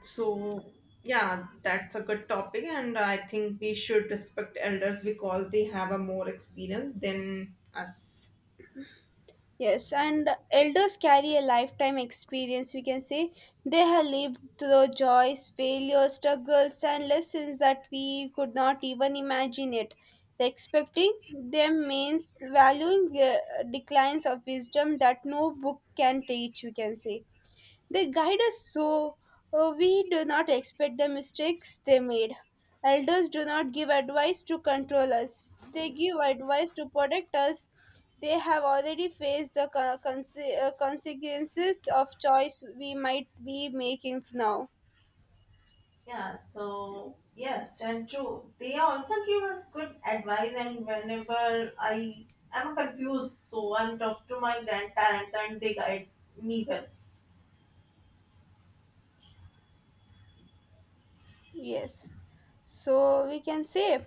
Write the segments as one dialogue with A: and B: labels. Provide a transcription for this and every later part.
A: So, yeah, that's a good topic, and I think we should respect elders because they have a more experience than us.
B: Yes, and elders carry a lifetime experience. We can say they have lived through joys, failures, struggles, and lessons that we could not even imagine it. Respecting them means valuing the declines of wisdom that no book can teach. We can say they guide us so we do not expect the mistakes they made. Elders do not give advice to control us, they give advice to protect us. They have already faced the consequences of choice we might be making now.
A: Yeah, so yes, and true. They also give us good advice, and whenever I am confused, so I talk to my grandparents and they guide me well.
B: Yes. So we can say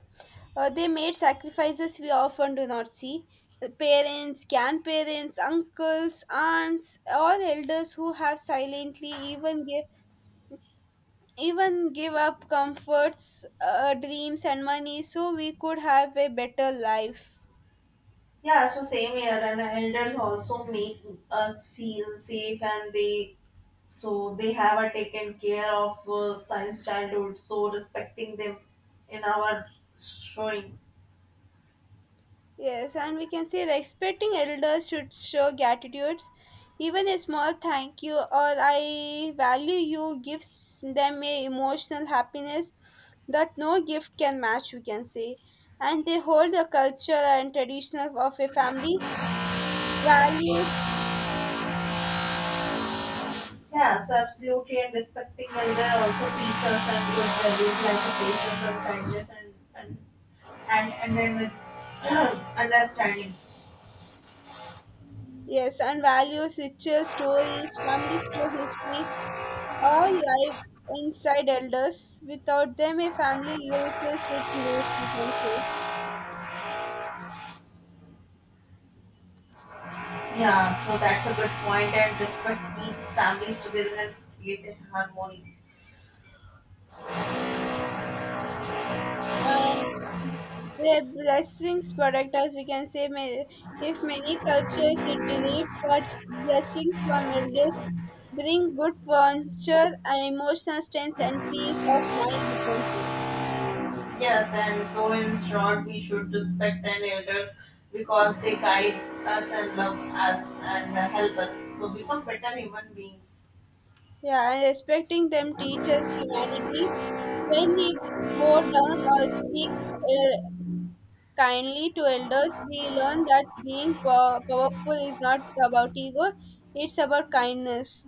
B: they made sacrifices we often do not see. Parents, grandparents, uncles, aunts, all elders who have silently even gave even give up comforts, dreams, and money so we could have a better life.
A: Yeah, so same here, and elders also make us feel safe and they so they have a taken care of science childhood so respecting them in our showing
B: Yes, and we can say respecting elders should show gratitudes. Even a small thank you or I value you gives them a emotional happiness that no gift can match, we can say. And they hold the culture and traditions of a family, values,
A: yeah so absolutely and respecting elder also teachers and good values like patience and kindness and and then this understanding
B: yes, and values, rituals, stories, family story, history, all live inside elders. Without them, a family loses its roots, we can say.
A: yeah so that's a good point and respect keep families together and create harmony.
B: And their blessings protect us, we can say. If many cultures it believe but blessings from elders bring good fortune and emotional strength and peace of mind, we can say.
A: Yes, and so in short, we should respect the elders because they guide us and love us and help us. So become better human beings.
B: Yeah, and respecting them teaches humanity. When we bow down or speak uh, kindly to elders, we learn that being powerful is not about ego, it's about kindness.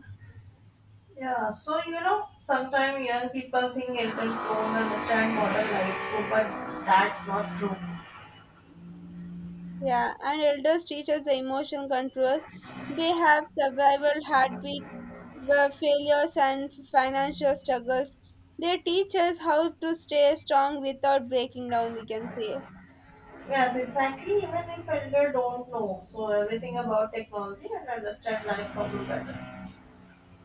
A: Yeah, so you know, sometimes young people think elders don't understand modern life, so but that's not true.
B: Yeah, and elders teach us the emotional control. They have survival heartbeats, failures, and financial struggles. They teach us how to stay strong without breaking down, we can say.
A: Yes, exactly. Even if elder don't know, so everything about technology and understand life for you better.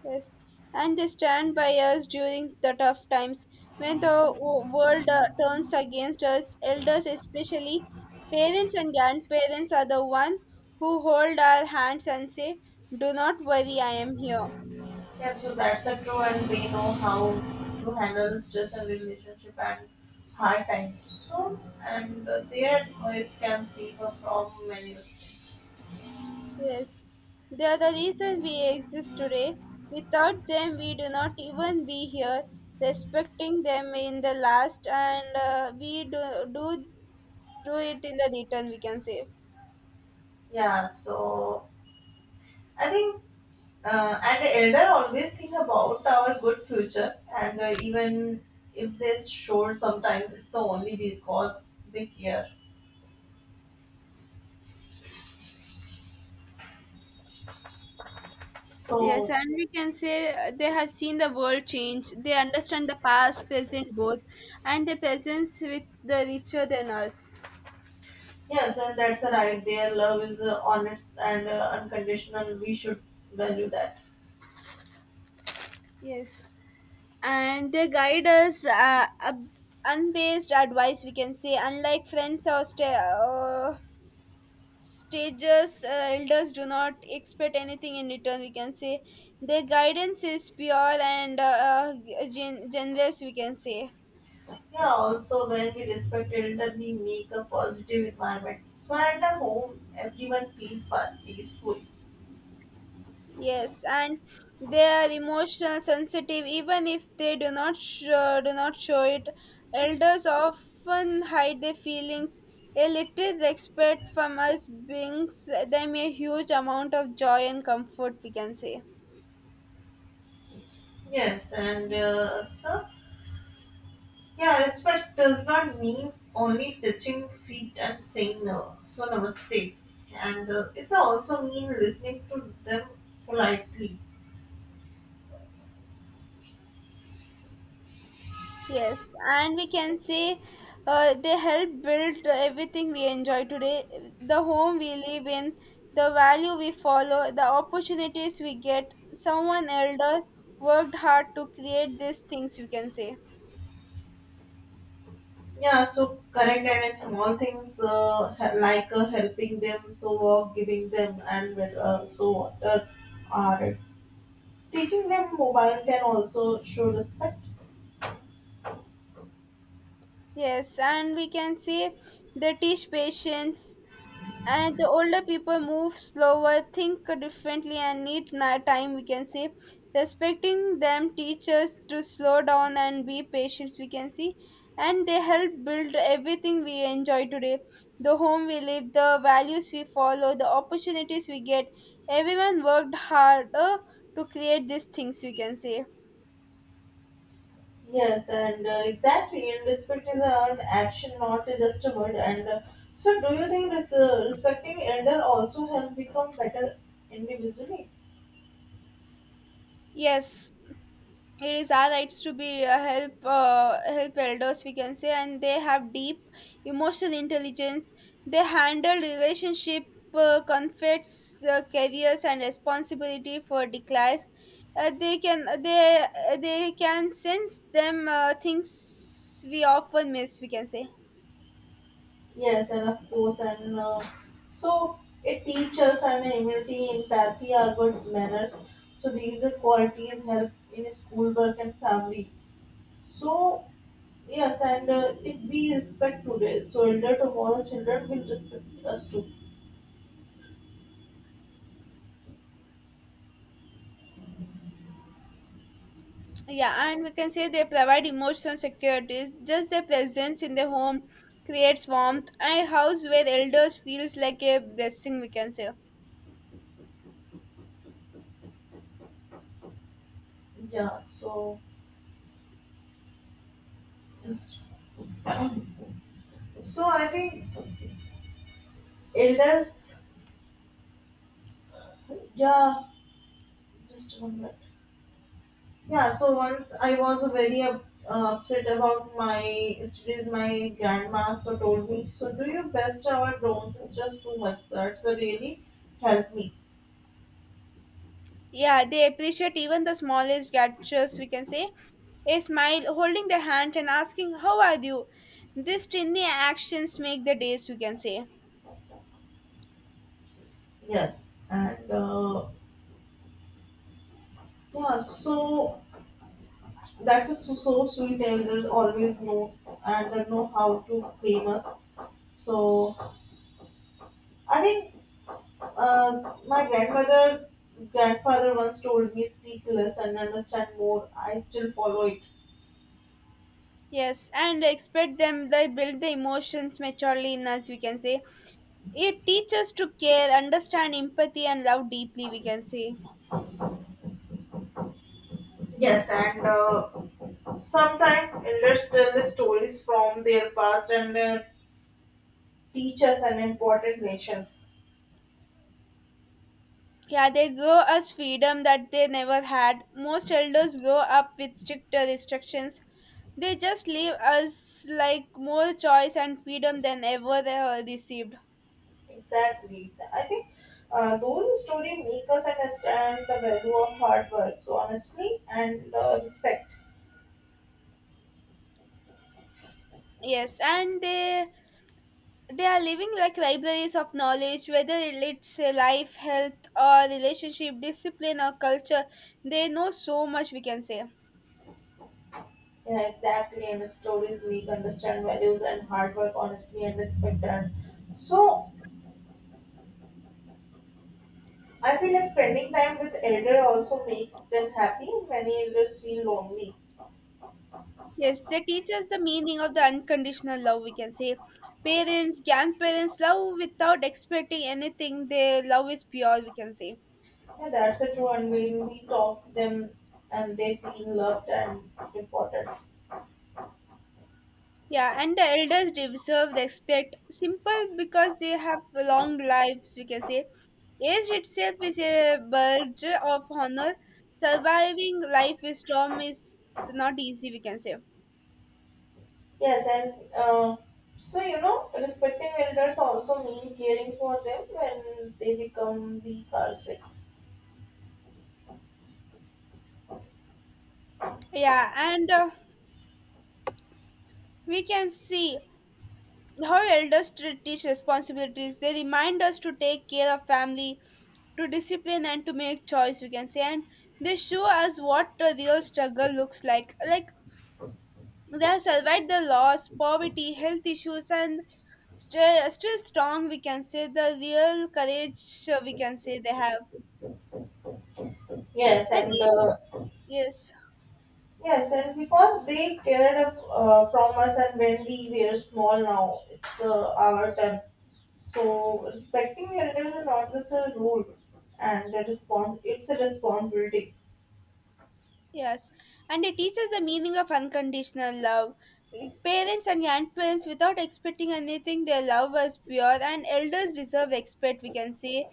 B: Yes, and they stand by us during the tough times when the world turns against us. Elders, especially parents and grandparents, are the one who hold our hands and say, "Do not worry, I am here."
A: Yeah, so that's a true, and we know how to handle stress and relationship and hard times. So, and their noise can suffer from many mistakes.
B: Yes, they are the reason we exist today. Without them, we do not even be here. Respecting them in the last, and we do do it in the return. We can say.
A: Yeah, so I think, and elder always think about our good future, and even if they show sometimes it's only because they care.
B: Yes,
A: So
B: and we can say they have seen the world change. They understand the past, present, both, and their presence with the richer than us.
A: yes, and that's right. Their love is honest and unconditional. We should value that.
B: Yes, and they guide us unbased advice we can say unlike friends or stages, elders do not expect anything in return, we can say their guidance is pure and generous, we can say.
A: Yeah, also when we respect elder, we make a positive environment. So at the home, everyone feel peaceful.
B: Yes, and they are emotional sensitive even if they do not show it. Elders often hide their feelings. A little respect from us brings them a huge amount of joy and comfort, we can say.
A: Yes, and so yeah, respect does not mean only touching feet and saying no. So namaste, and it's also mean listening to them politely.
B: Yes, and we can say they help build everything we enjoy today, the home we live in, the value we follow, the opportunities we get. Someone elder worked hard to create these things, we can say.
A: Yeah, so correct and small things like helping them, so walk, giving them, and so water are teaching them mobile can also show respect.
B: Yes, and we can say they teach patience, and the older people move slower, think differently, and need time, we can say. Respecting them teachers to slow down and be patient, we can see, and they help build everything we enjoy today, the home we live, the values we follow, the opportunities we get. Everyone worked harder to create these things, we can say.
A: Yes, and exactly. And respect is an action, not just a word. And so, do you think respecting elder also help become better individually?
B: Yes, it is our rights to be help elders, we can say, and they have deep emotional intelligence. They handle relationship, conflicts, careers and responsibility for declines. They they can sense them things we often miss, we can say.
A: Yes, and of course, and so it teaches and humility, empathy, are good manners. So these are qualities help in schoolwork and family. So yes, and if we respect today, so elder tomorrow children will respect us too.
B: Yeah, and we can say they provide emotional security. Just their presence in the home creates warmth, and a house where elders feels like a blessing, we can say.
A: Yeah, so I think elders, yeah, just one minute. Yeah, so once I was very upset about my studies, my grandma so told me so do your best or don't stress too much, that's a really helped me.
B: Yeah, they appreciate even the smallest gestures, we can say. A smile, holding their hand, and asking how are you, these tiny actions make the days, we can say.
A: Yes, and yeah so that's a so sweet elders always know and know how to claim us so I think. My grandmother, grandfather once told me, "Speak less and understand more." I still follow it.
B: Yes, and expect them, they build the emotions maturely in us, we can say. It teaches to care, understand, empathy, and love deeply, we can say.
A: Yes, and sometimes elders tell the stories from their past and teach us an important lessons.
B: Yeah, they grow us freedom that they never had. Most elders grow up with stricter restrictions. They just leave us like more choice and freedom than ever they have received.
A: Exactly. I think those stories make us understand the value of hard work, so honestly and respect.
B: Yes, and they are living like libraries of knowledge, whether it's life, health, or relationship, discipline, or culture. They know so much, we can say.
A: Yeah, exactly. And stories make understand values and hard work honestly and respect and so I feel like spending time with elder also make them happy. Many elders feel lonely.
B: Yes, they teach us the meaning of the unconditional love. We can say parents, grandparents love without expecting anything. Their love is pure, we can say.
A: Yeah, that's a true. And when we talk them, and they feel loved and important.
B: Yeah, and the elders deserve the respect. Simple because they have long lives, we can say. Age itself is a badge of honor. Surviving life with storm is not easy, we can say.
A: Yes, and so you know, respecting elders also mean caring for them when they become weak or sick.
B: Yeah, and we can see how elders teach responsibilities. They remind us to take care of family, to discipline and to make choice, we can say, and they show us what a real struggle looks like. Like, they have survived the loss, poverty, health issues and still strong, we can say, the real courage we can say they have.
A: Yes,
B: and
A: and
B: it- yes,
A: yes, and because they cared of, from us, and when we were small, now it's our turn. So respecting elders is not just a rule and a response. It's a responsibility.
B: yes, and it teaches the meaning of unconditional love. Like, parents and grandparents without expecting anything, their love was pure, and elders deserve respect, we can say.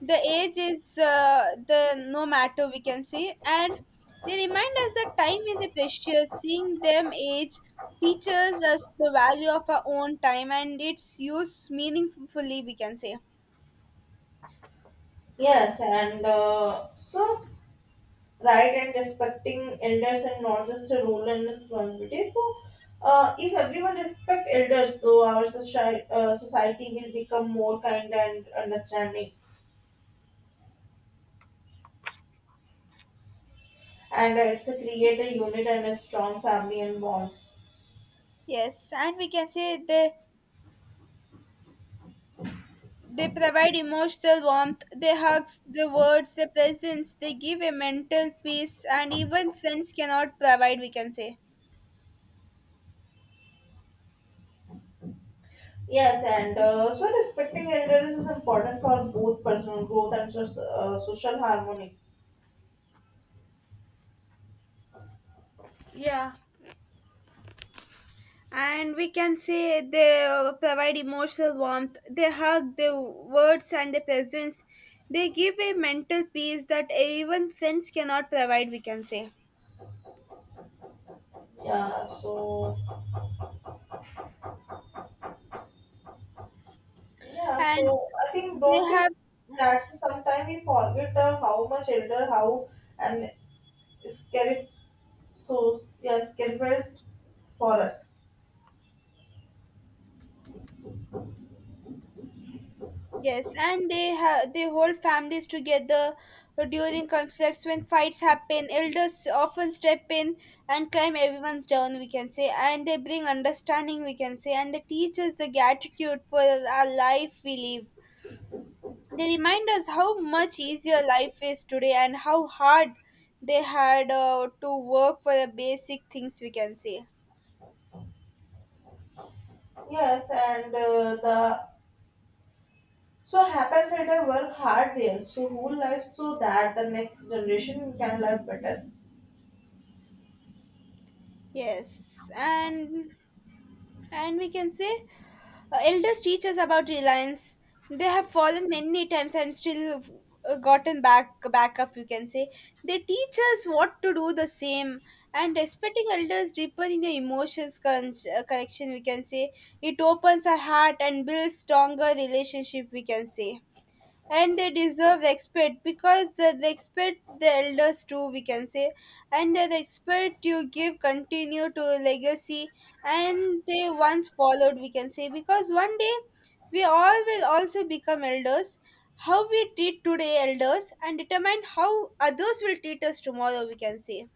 B: The age is the no matter, we can say, and they remind us that time is a precious. Seeing them age teaches us the value of our own time and its use meaningfully, we can say.
A: Yes, and so right and respecting elders and not just a rule and responsibility. So if everyone respect elders, so our society will become more kind and understanding, and it's a create a unit and a strong family and bonds.
B: Yes, and we can say they provide emotional warmth, they hugs the words, the presence, they give a mental peace and even friends cannot provide, we can say.
A: Yes, and so respecting elders is important for both personal growth and social harmony.
B: And we can say they provide emotional warmth, they hug their words and their presence. They give a mental peace that even friends cannot provide, we can say.
A: Yeah, so yeah,
B: And
A: so I think
B: they
A: don't you
B: have
A: that's sometimes we forget how much elder how and scary so yeah scarifest for us.
B: Yes, and they have, they hold families together during conflicts. When fights happen, elders often step in and calm everyone's down, we can say, and they bring understanding, we can say, and they teach us the gratitude for our life we live. They remind us how much easier life is today and how hard they had to work for the basic things, we can say.
A: Yes, and the so happens elder work hard there, so whole life so that the next generation can live better.
B: Yes, and we can say elders teach us about reliance. They have fallen many times and still gotten back up. You can say they teach us what to do the same, and respecting elders deeper in the emotions connection. We can say it opens our heart and builds stronger relationship. We can say. And they deserve respect because they respect the elders too, we can say, and the respect you give continue to a legacy and they once followed, we can say, because one day we all will also become elders. How we treat today elders and determine how others will treat us tomorrow, we can say.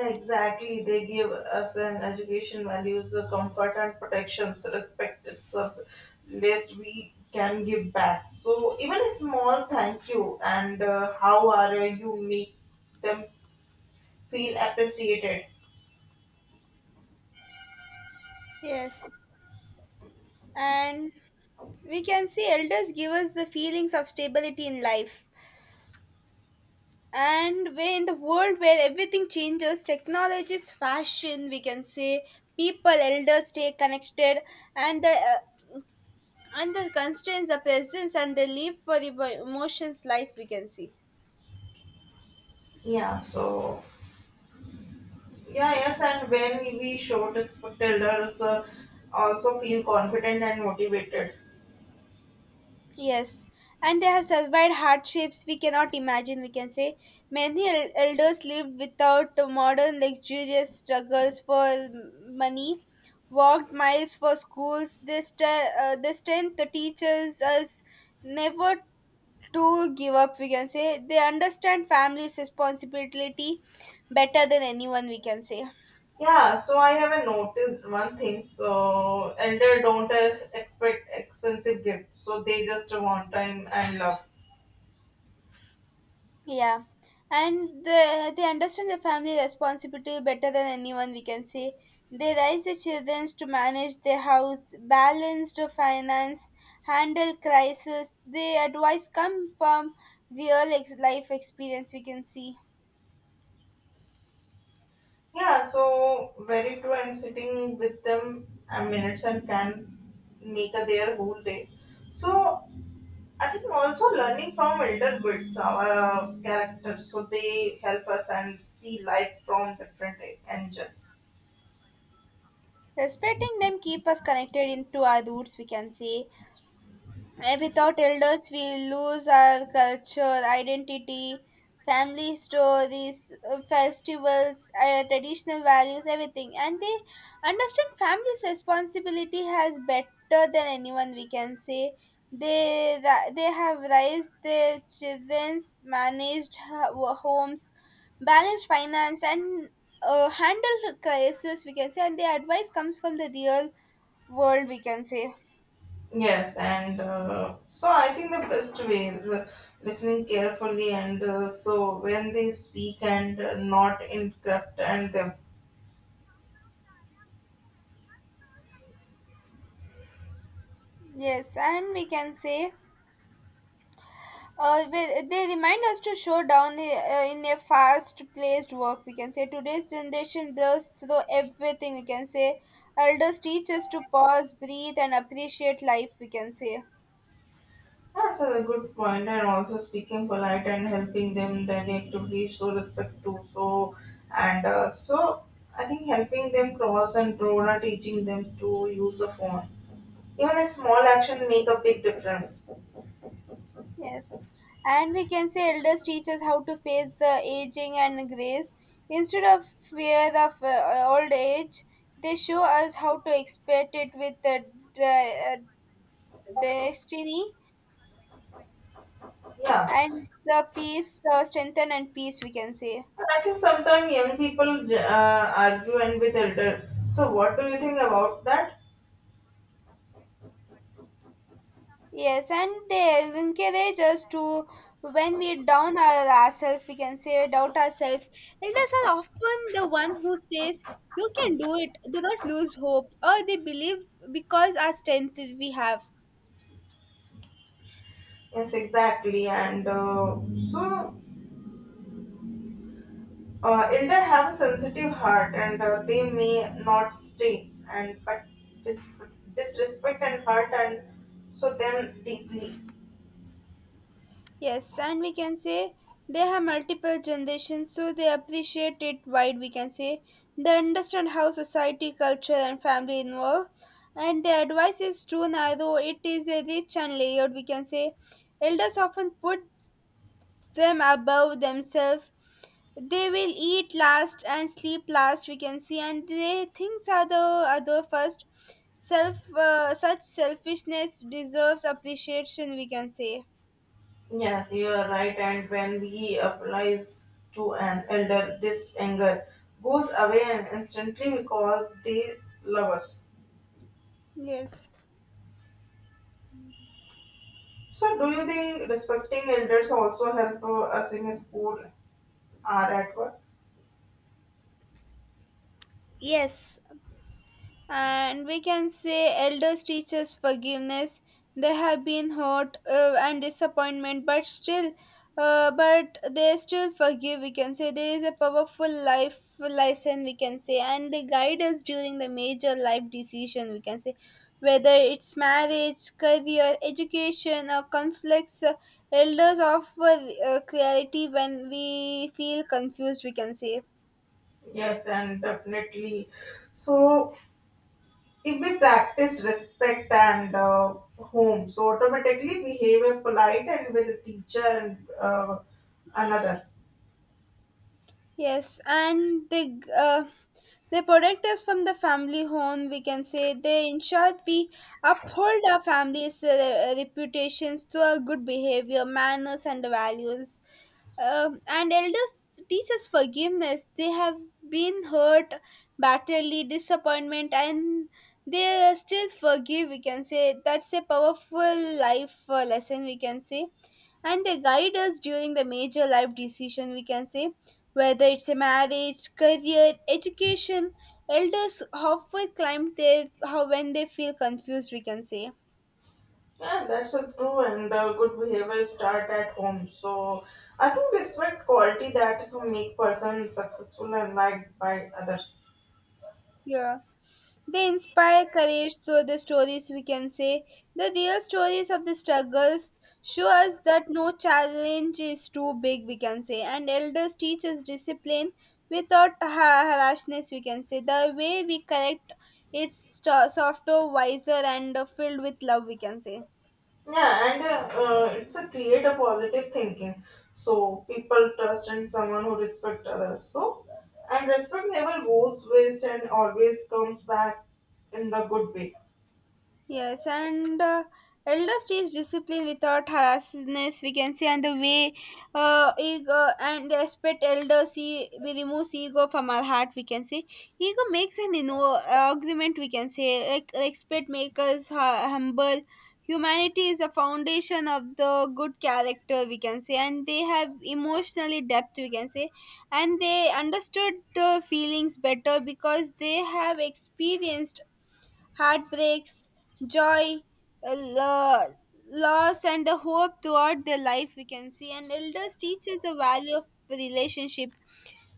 A: Exactly, they give us an education, values, comfort, and protections, respect. It's a list we can give back. So, even a small thank you and how are you make them feel appreciated.
B: Yes, and we can see elders give us the feelings of stability in life, and where in the world where everything changes, technologies, fashion, we can say, people, elders stay connected, and the constraints, the presence, and they live for the emotions life, we can see.
A: Yeah, so yeah, yes, and when we show respect, elders also feel confident and motivated.
B: Yes, and they have survived hardships we cannot imagine, we can say. Many elders live without the modern luxurious struggles for money, walked miles for schools. They, they strength the teachers us never to give up, we can say. They understand family's responsibility better than anyone, we can say.
A: Yeah, so I haven't noticed one thing. So elder don't expect expensive gifts, so they just want time and love.
B: Yeah, and the, they understand the family responsibility better than anyone, we can say. They raise the children to manage their house, balance the finance, handle crisis. They advice come from life experience, we can see.
A: Yeah, so very true. And sitting with them a minutes and can make a their whole day. So I think also learning from elder builds our character, so they help us and see life from different angle.
B: Respecting them keep us connected into our roots, we can say. Eh, without elders, we lose our culture, identity, family stories, festivals, traditional values, everything. And they understand family's responsibility has better than anyone, we can say. They, they have raised their children's, managed homes, balanced finance, and handled crisis, we can say. And their advice comes from the real world, we can say.
A: Yes, and so I think the best way is listening carefully, and so when they speak and not interrupt and them.
B: Yes, and we can say they remind us to show down the, in a fast-paced work. We can say today's generation blows through everything. We can say elders teach us to pause, breathe, and appreciate life. We can say
A: Yeah, so the good point, and also speaking polite and helping them directly show respect to so and so I think helping them cross and road or teaching them to use a phone. Even a small action make a big difference.
B: yes, and we can say elders teach us how to face the aging and grace instead of fear of old age. They show us how to expect it with the uh, uh, destiny
A: Yeah.
B: and the peace, strengthen and peace. We can say.
A: And I think sometimes young people argue and with elder. So what do you think about that?
B: Yes, and they encourage us to, when we down our, ourselves, we can say doubt ourselves. Elders are often the one who says, "You can do it. Do not lose hope." Or they believe because our strength we have.
A: Yes, exactly. And so elder have a sensitive heart, and they may not stay and but dis- disrespect and hurt and so them deeply.
B: Yes, and we can say they have multiple generations, so they appreciate it wide. We can say they understand how society, culture, and family involve, and their advice is too narrow. It is a rich and layered. We can say elders often put them above themselves, they will eat last and sleep last, we can see, and they things are the other first self, such selfishness deserves appreciation, we can say.
A: Yes, you are right. And when we applies to an elder, this anger goes away and instantly because they love us.
B: Yes.
A: So, do you think respecting elders also help us in school or at work?
B: Yes, and we can say elders teach us forgiveness, they have been hurt, and disappointment, but still, but they still forgive, we can say. There is a powerful life lesson, we can say, and they guide us during the major life decision, we can say, whether it's marriage, career, education, or conflicts, elders offer clarity when we feel confused, we can say.
A: Yes, and definitely. So, if we practice respect and home, so automatically behave a polite and with a teacher and another.
B: Yes, and they they protect us from the family home, we can say. They ensure we uphold our family's reputations through our good behavior, manners, and values. And elders teach us forgiveness. They have been hurt, bitterly, disappointment, and they are still forgive, we can say. That's a powerful life lesson, we can say, and they guide us during the major life decision, we can say, whether it's a marriage, career, education, elders often climb there how when they feel confused, we can say.
A: Yeah, that's a true and good behavior start at home. So, I think respect quality that is will make person successful and liked by others.
B: Yeah. They inspire courage through the stories, we can say. The real stories of the struggles show us that no challenge is too big, we can say. And elders teach us discipline without harshness, we can say. The way we correct is softer, wiser, and filled with love, we can say.
A: Yeah, and it's a create a positive thinking. So people trust in someone who respect others. So and respect never goes waste and always comes back in the good way.
B: Yes, and elders teach discipline without harshness, we can say, and the way ego and respect elders, see we remove ego from our heart, we can say. Ego makes an, you know, argument, we can say, like respect makes us humble. Humanity is a foundation of the good character, we can say, and they have emotionally depth, we can say, and they understood the feelings better because they have experienced heartbreaks, joy, uh, lo- loss, and the hope throughout their life, we can see. And elders teach us the value of relationship.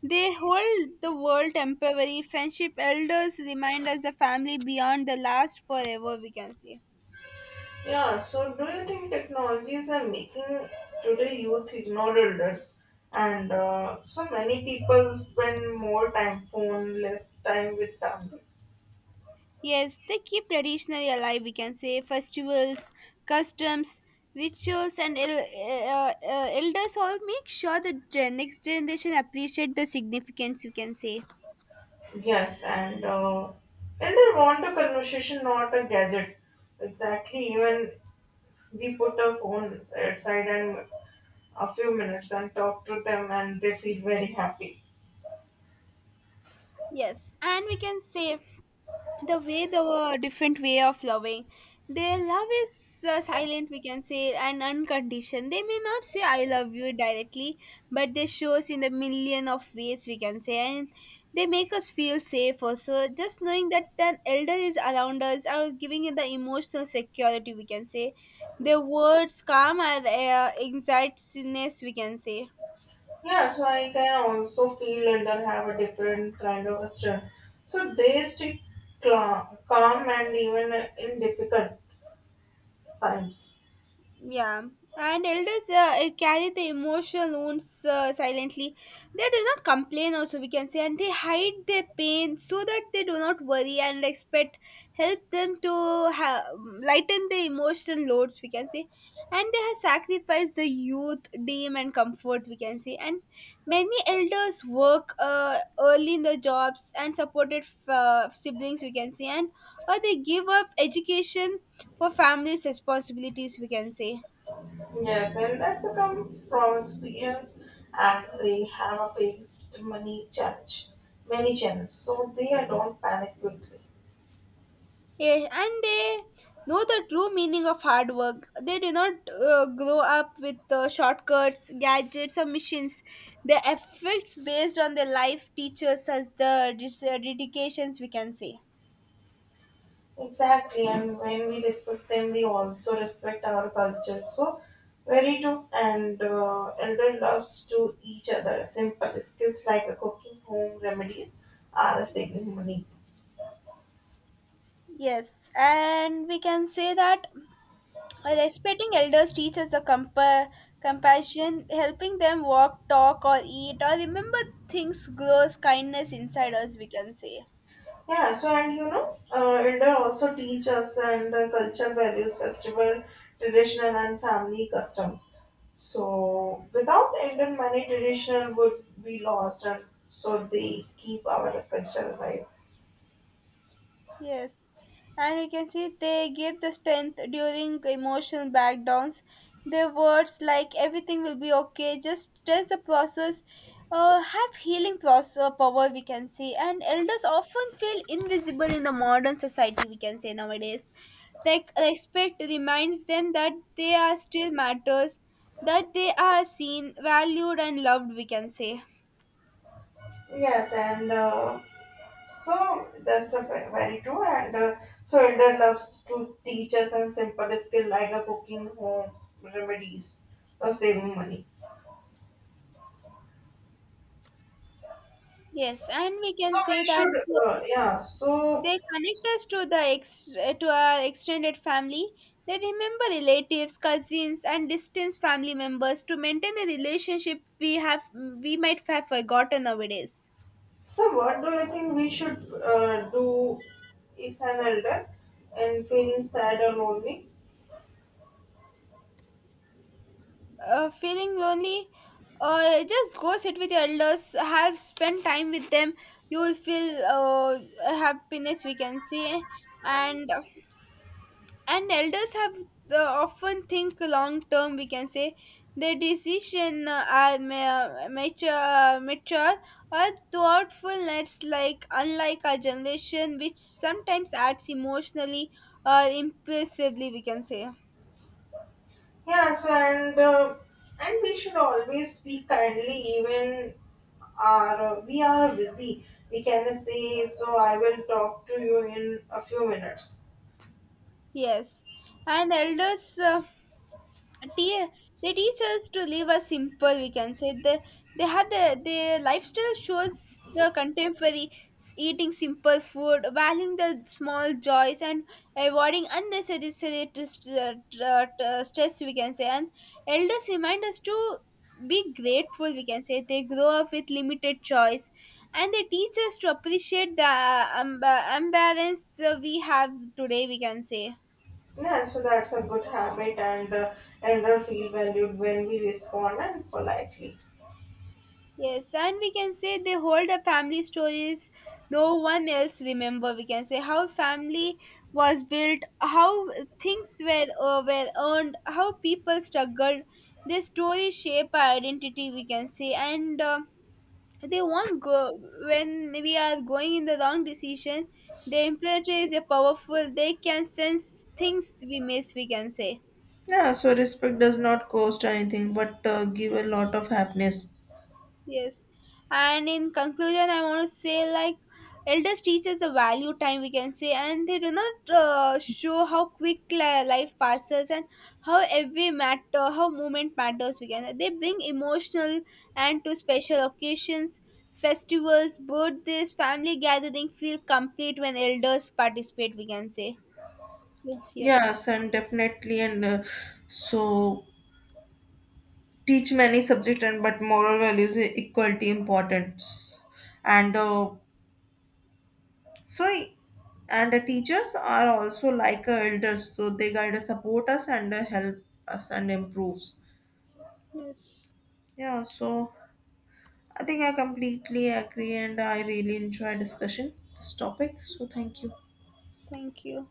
B: They hold the world temporary. Friendship elders remind us the family beyond the last forever, we can say.
A: Yeah. So do you think technologies are making today youth ignore elders? And so many people spend more time phone, less time with family.
B: Yes, they keep traditionally alive, we can say. Festivals, customs, rituals, and elders all make sure the next generation appreciate the significance, we can say.
A: Yes, and I want a conversation, not a gadget. Exactly. Even we put our phones aside and a few minutes and talk to them, and they feel very happy.
B: Yes, and we can say the way the different way of loving, their love is silent, we can say, and unconditioned. They may not say I love you directly, but they shows in a million of ways, we can say, and they make us feel safe also, just knowing that an elder is around us are giving it the emotional security, we can say. Their words calm our anxietiness, we can say.
A: Yeah, so I can also feel and then have a different kind of a strength. So they stay calm and even in difficult times.
B: Yeah, and elders carry the emotional wounds silently. They do not complain, also, we can say, and they hide their pain so that they do not worry and expect help them to ha- lighten the emotional loads, we can say. And they have sacrificed the youth, dream, and comfort, we can say. And many elders work early in the jobs and supported siblings, we can say, and or they give up education for families' responsibilities, we can say.
A: Yes, and that's a come from experience, and they have a fixed money challenge, many challenges, so they don't panic quickly.
B: Yes, and they know the true meaning of hard work. They do not grow up with shortcuts, gadgets, or missions. The effects based on their life teaches us the dedications, we can say.
A: Exactly, and when we respect them, we also respect our culture. So, very true. And elder loves to each other. Simple skills like a cooking, home remedies are a sacred money.
B: Yes, and we can say that respecting elders teaches a compassion, helping them walk, talk, or eat, or remember things grows kindness inside us, we can say.
A: Yeah. So, and you know, elder also teach us and culture values, festival, traditional, and family customs. So, without elder, many traditional would be lost, and so they keep our culture alive.
B: Yes, and you can see they give the strength during emotional breakdowns. Their words like everything will be okay, just trust the process, have healing process power. We can say, and elders often feel invisible in the modern society. We can say nowadays, like respect reminds them that they are still matters, that they are seen, valued, and loved. We can say.
A: Yes, and. So that's a very true, and so elder loves to teach us and simple skill like a cooking, home remedies, or saving money.
B: Yes, and we can
A: So we
B: say that
A: should, yeah. So
B: they connect us to to our extended family. They remember relatives, cousins, and distant family members to maintain a relationship we might have forgotten nowadays.
A: so what do you think we should do if an elder and feeling sad or lonely?
B: Feeling lonely, just go sit with your elders. Have spend time with them. You will feel happiness. We can say, and elders have often think long term, we can say. Their decision are mature or thoughtfulness, like unlike our generation which sometimes acts emotionally or impulsively, we can say.
A: Yeah. So and we should always speak kindly, even our we are busy. We can say so. I will talk to you in a few minutes.
B: Yes, and elders te- they teach us to live a simple, we can say. They have the their lifestyle shows the contemporary eating simple food, valuing the small joys, and avoiding unnecessary stress, stress, we can say. And elders remind us to be grateful, we can say. They grow up with limited choice, and they teach us to appreciate the um, imbalance we have today, we can say.
A: Yeah, so that's a good habit, and elder feel valued when we respond and politely.
B: Yes, and we can say they hold a family stories no one else remember. We can say how family was built, how things were earned, how people struggled. Their stories shape our identity. We can say, and they won't go when we are going in the wrong decision. The imperator is a powerful. They can sense things we miss. We can say.
A: Yeah, so respect does not cost anything but give a lot of happiness.
B: Yes. And in conclusion, I want to say like elders teach us the value time, we can say, and they do not show how quick life passes and how every matter, how moment matters. We can say they bring emotional and to special occasions, festivals, birthdays, family gathering feel complete when elders participate. We can say. So, yes.
A: Yes, and definitely, and so teach many subject and but moral values is equality importance, and so and the teachers are also like elders, so they guide us, support us, and help us and improves.
B: Yes.
A: Yeah, so I think I completely agree and I really enjoy discussion this topic. So thank you.
B: Thank you.